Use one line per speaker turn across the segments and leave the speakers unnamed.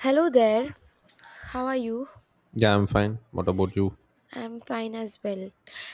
Hello there, how are you?
Yeah, I'm fine. What about you?
I'm fine as well.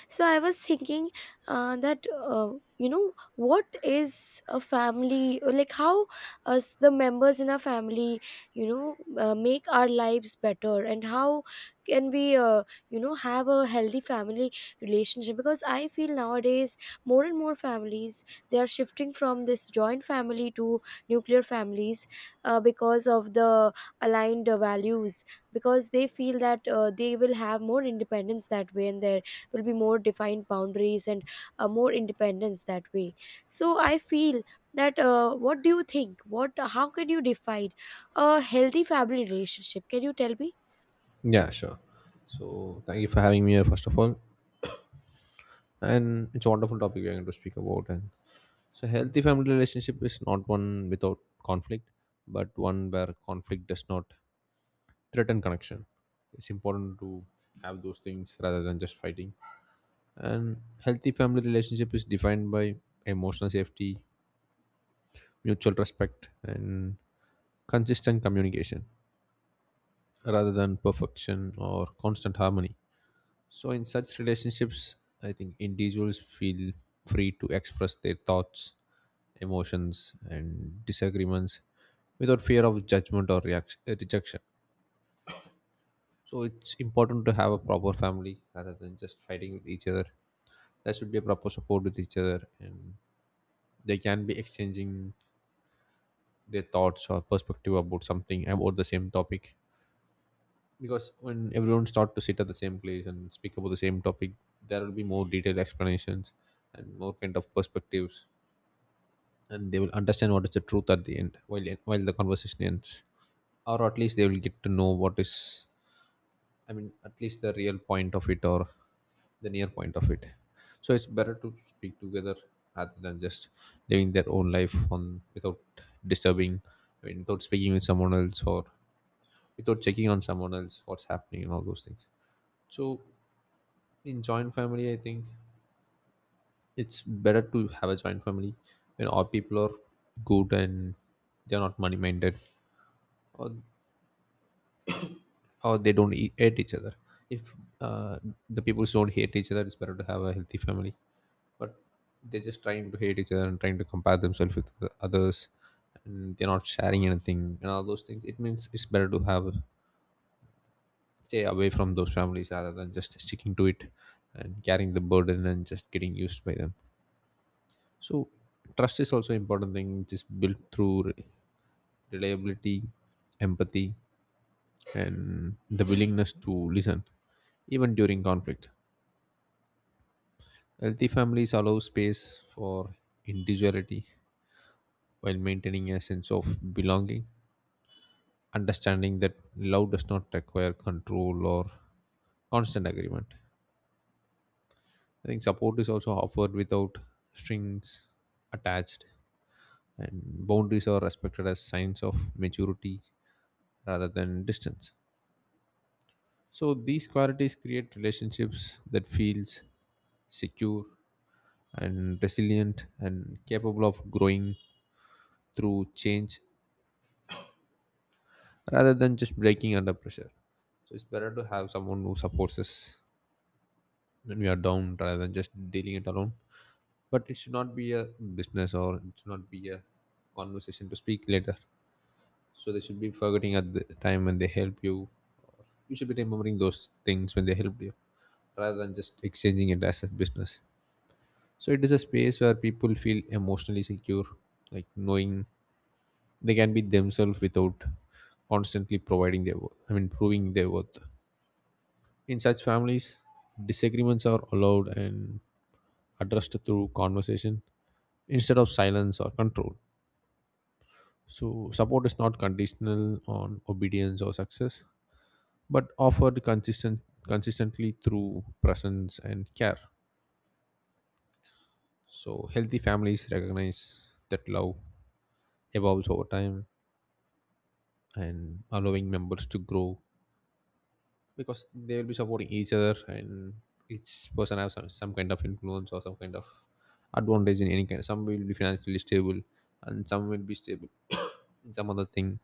So, I was thinking that, you know, what is a family, or like how us, the members in our family, you know, make our lives better, and how can we, have a healthy family relationship? Because I feel nowadays more and more families they are shifting from this joint family to nuclear families because of the aligned values, because they feel that they will have more independence that way, and there will be more defined boundaries and more independence that way. So I feel that what do you think what how can you define a healthy family relationship? Can you tell me?
Yeah, sure. So thank you for having me here, first of all. And it's a wonderful topic we're going to speak about. And so healthy family relationship is not one without conflict, but one where conflict does not threaten connection. It's important to have those things rather than just fighting. And healthy family relationship is defined by emotional safety, mutual respect, and consistent communication rather than perfection or constant harmony. So in such relationships, I think individuals feel free to express their thoughts, emotions, and disagreements without fear of judgment or reaction, rejection. So it's important to have a proper family rather than just fighting with each other. There should be a proper support with each other, and they can be exchanging their thoughts or perspective about something about the same topic because when everyone starts to sit at the same place and speak about the same topic there will be more detailed explanations and more kind of perspectives, and they will understand what is the truth at the end while the conversation ends, or at least they will get to know what is, I mean, at least the real point of it or the near point of it. So it's better to speak together rather than just living their own life on, without disturbing, I mean, without speaking with someone else or without checking on someone else what's happening and all those things. So in joint family, I think it's better to have a joint family when all people are good and they're not money minded, or or they don't hate each other. If uh, the people don't hate each other, it's better to have a healthy family. But they're just trying to hate each other and trying to compare themselves with the others, and they're not sharing anything and all those things, it means it's better to have stay away from those families rather than just sticking to it and carrying the burden and just getting used by them. So trust is also important thing which is built through reliability, empathy, and the willingness to listen even during conflict. Healthy families allow space for individuality while maintaining a sense of belonging, understanding that love does not require control or constant agreement. I think support is also offered without strings attached, and boundaries are respected as signs of maturity rather than distance. So these qualities create relationships that feels secure and resilient and capable of growing through change rather than just breaking under pressure. So it's better to have someone who supports us when we are down rather than just dealing it alone. But it should not be a business or it should not be a conversation to speak later. So they should be forgetting at the time when they help you. You should be remembering those things when they helped you rather than just exchanging it as a business. So it is a space where people feel emotionally secure, like knowing they can be themselves without constantly providing their worth. I mean, proving their worth. In such families, disagreements are allowed and addressed through conversation instead of silence or control. So support is not conditional on obedience or success, but offered consistently through presence and care. So healthy families recognize that love evolves over time and allowing members to grow because they will be supporting each other, and each person have some kind of influence or some kind of advantage in any kind. Some will be financially stable and some will be stable in some other thing.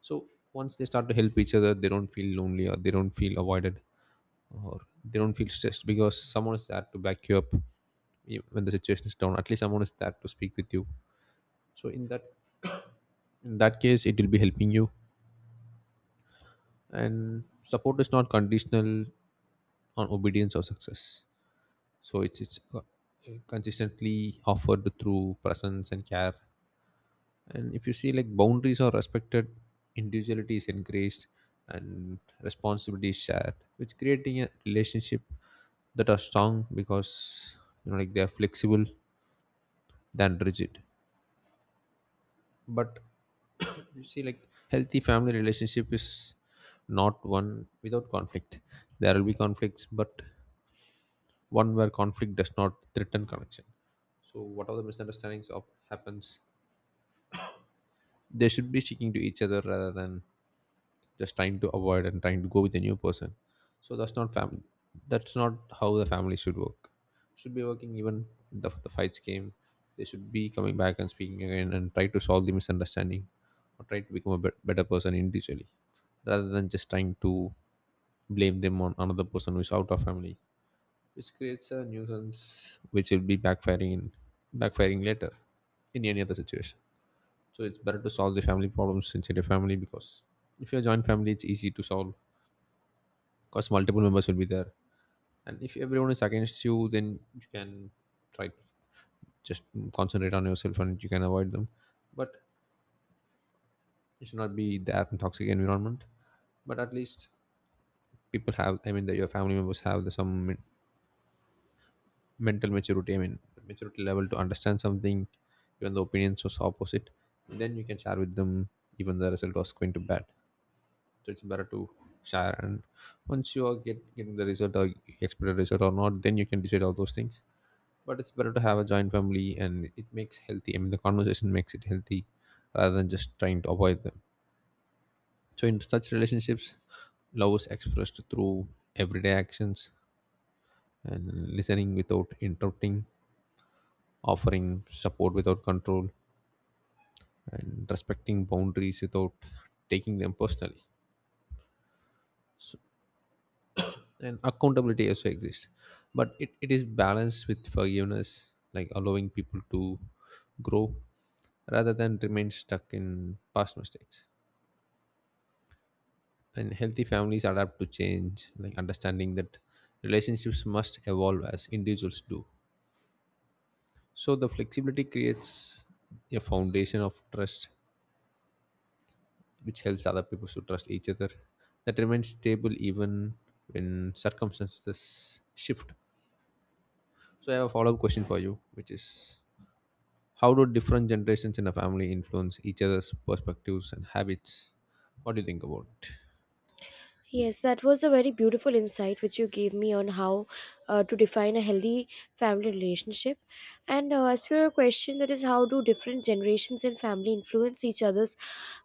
So once they start to help each other, they don't feel lonely or they don't feel avoided or they don't feel stressed because someone is there to back you up when the situation is down. At least someone is there to speak with you. So in that, in that case it will be helping you. And support is not conditional on obedience or success. So it's consistently offered through presence and care. And if you see like boundaries are respected, individuality is encouraged, and responsibility is shared, which creating a relationship that are strong because you know like they are flexible than rigid. But you see like healthy family relationship is not one without conflict. There will be conflicts, but one where conflict does not threaten connection. So whatever the misunderstandings of happens, they should be seeking to each other rather than just trying to avoid and trying to go with a new person. So that's not family. That's not how the family should work. Should be working even the fights came. They should be coming back and speaking again and try to solve the misunderstanding or try to become a better person individually rather than just trying to blame them on another person who is out of family, which creates a nuisance which will be backfiring later in any other situation. So it's better to solve the family problems inside your family because if you're a joint family it's easy to solve because multiple members will be there. And if everyone is against you, then you can try to just concentrate on yourself and you can avoid them. But it should not be that toxic environment. But at least people have, I mean that your family members have some mental maturity, I mean maturity level to understand something. Even the opinions was opposite, then you can share with them. Even the result was going to bad, so it's better to share. And once you are getting the result or expected result or not, then you can decide all those things. But it's better to have a joint family, and it makes healthy, I mean the conversation makes it healthy, rather than just trying to avoid them. So in such relationships love is expressed through everyday actions and listening without interrupting, offering support without control, and respecting boundaries without taking them personally. And accountability also exists, but it is balanced with forgiveness, like allowing people to grow rather than remain stuck in past mistakes. And healthy families adapt to change, like understanding that relationships must evolve as individuals do. So the flexibility creates a foundation of trust which helps other people to trust each other, that remains stable even when circumstances shift. So I have a follow-up question for you, which is how do different generations in a family influence each other's perspectives and habits? What do you think about it?
Yes, that was a very beautiful insight which you gave me on how to define a healthy family relationship. And as for your question, that is how do different generations and family influence each other's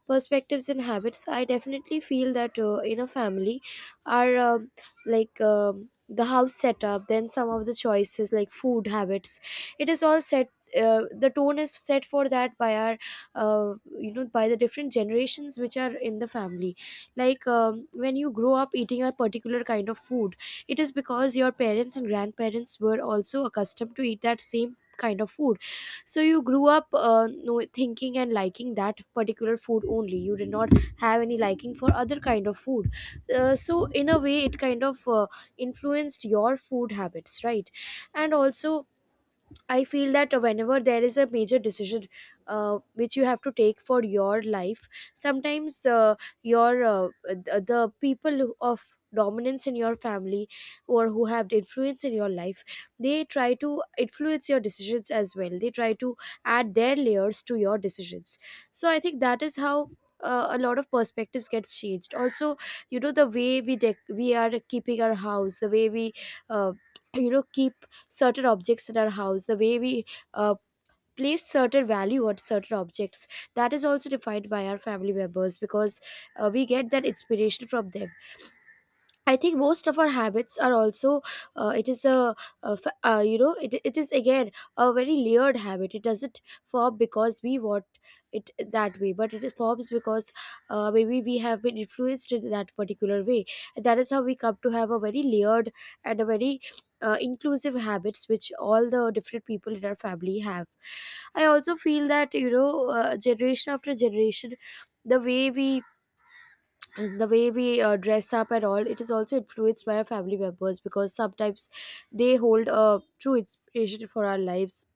perspectives and habits? I definitely feel that in a family are like the house setup, then some of the choices like food habits. It is all set. The tone is set for that by our, uh, by the different generations which are in the family, like when you grow up eating a particular kind of food, it is because your parents and grandparents were also accustomed to eat that same kind of food, so you grew up know, thinking and liking that particular food only. You did not have any liking for other kind of food. So in a way it kind of influenced your food habits, right? And also, I feel that whenever there is a major decision which you have to take for your life, sometimes your the people of dominance in your family or who have the influence in your life, they try to influence your decisions as well. They try to add their layers to your decisions. So I think that is how a lot of perspectives gets changed also. You know, the way we we are keeping our house, the way we uh, keep certain objects in our house, the way we uh, place certain value on certain objects, that is also defined by our family members because we get that inspiration from them. I think most of our habits are also it is a, you know it is again a very layered habit. It doesn't form because we want it that way, but it forms because maybe we have been influenced in that particular way. And that is how we come to have a very layered and a very inclusive habits which all the different people in our family have. I also feel that, you know, generation after generation, the way we the way we dress up and all, it is also influenced by our family members because sometimes they hold a true inspiration for our lives.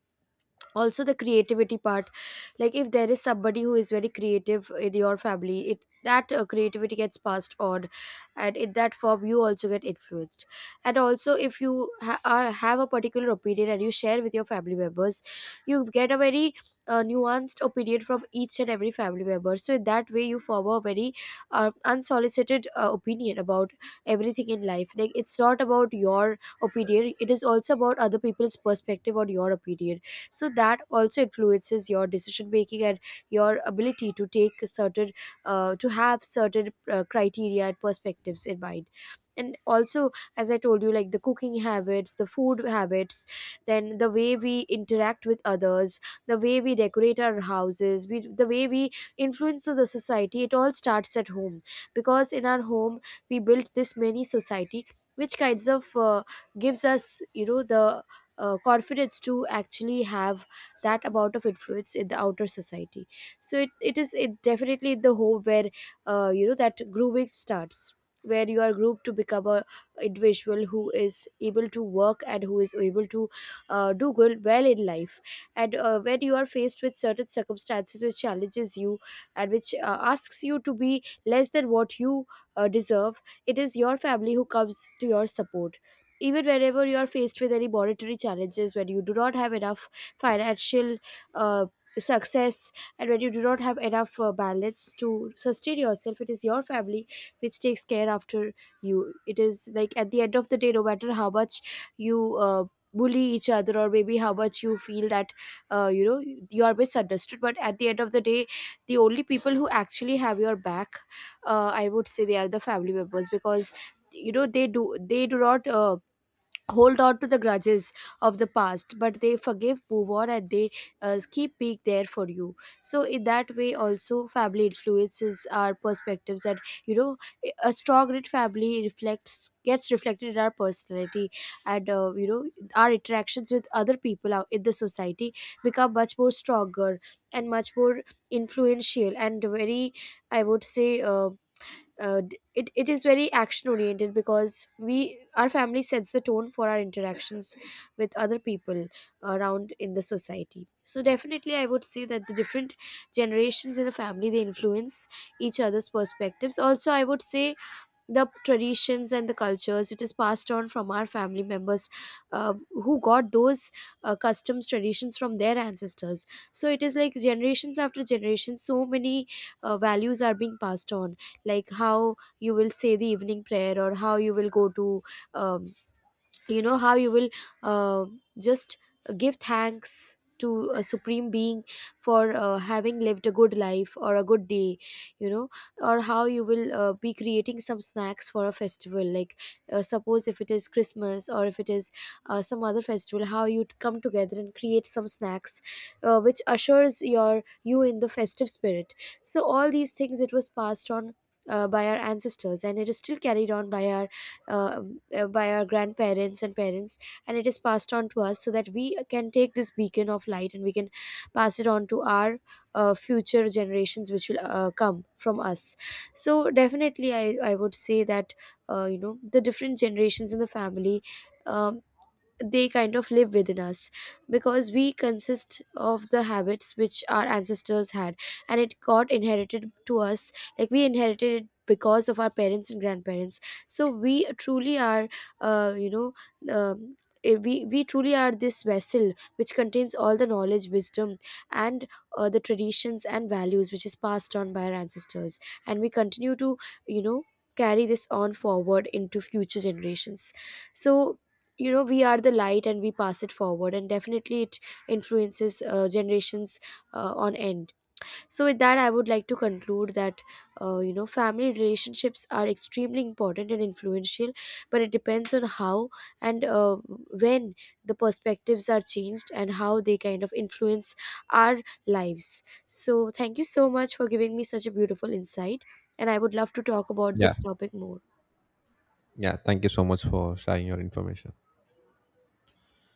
Also the creativity part, like if there is somebody who is very creative in your family, it that creativity gets passed on and in that form you also get influenced. And also if you have a particular opinion and you share with your family members, you get a very nuanced opinion from each and every family member. So in that way you form a very unsolicited opinion about everything in life. Like it's not about your opinion, it is also about other people's perspective on your opinion. So that also influences your decision making and your ability to take a certain to have certain criteria and perspectives in mind. And also, as I told you, like the cooking habits, the food habits, then the way we interact with others, the way we decorate our the way we influence the society, it all starts at home. Because in our home we built this mini society, which kinds of gives us, you know, the corporates to actually have that amount of influence in the outer society. So it definitely the home where you know, that grooming starts, where you are groomed to become a individual who is able to work and who is able to do good well in life. And when you are faced with certain circumstances which challenges you and which asks you to be less than what you deserve, it is your family who comes to your support. Even whenever you are faced with any monetary challenges, when you do not have enough financial uh, success, and when you do not have enough balance to sustain yourself, it is your family which takes care after you. It is like at the end of the day, no matter how much you bully each other, or maybe how much you feel that you know, you are misunderstood, but at the end of the day, the only people who actually have your back, I would say, they are the family members. Because you know, they do not hold on to the grudges of the past, but they forgive, move on, and they keep being there for you. So in that way also, family influences our perspectives and, you know, a strong rich family reflects gets reflected in our personality. And you know, our interactions with other people out in the society become much more stronger and much more influential and very, I would say, it is very action oriented because we, our family sets the tone for our interactions with other people around in the society. So definitely I would say that the different generations in a family, they influence each other's perspectives. Also, I would say the traditions and the cultures, it is passed on from our family members who got those customs, traditions from their ancestors. So it is like generations after generations, so many values are being passed on, like how you will say the evening prayer, or how you will go to um, you know, how you will uh, just give thanks to a supreme being for having lived a good life or a good day, you know. Or how you will be creating some snacks for a festival, like suppose if it is Christmas or if it is some other festival, how you come together and create some snacks which assures your you in the festive spirit. So all these things, it was passed on by our ancestors and it is still carried on uh, by our grandparents and parents, and it is passed on to us, so that we can take this beacon of light and we can pass it on to our future generations which will come from us. So definitely I would say that you know, the different generations in the family um, they kind of live within us, because we consist of the habits which our ancestors had, and it got inherited to us. Like we inherited it because of our parents and grandparents. So we truly are, you know, um, we truly are this vessel which contains all the knowledge, wisdom, and the traditions and values which is passed on by our ancestors. And we continue to, you know, carry this on forward into future generations. So, you know, we are the light and we pass it forward, and definitely it influences generations on end. So with that, I would like to conclude that you know, family relationships are extremely important and influential, but it depends on how and when the perspectives are changed and how they kind of influence our lives. So thank you so much for giving me such a beautiful insight, and I would love to talk about
Yeah.
this topic more.
Yeah, thank you so much for sharing your information.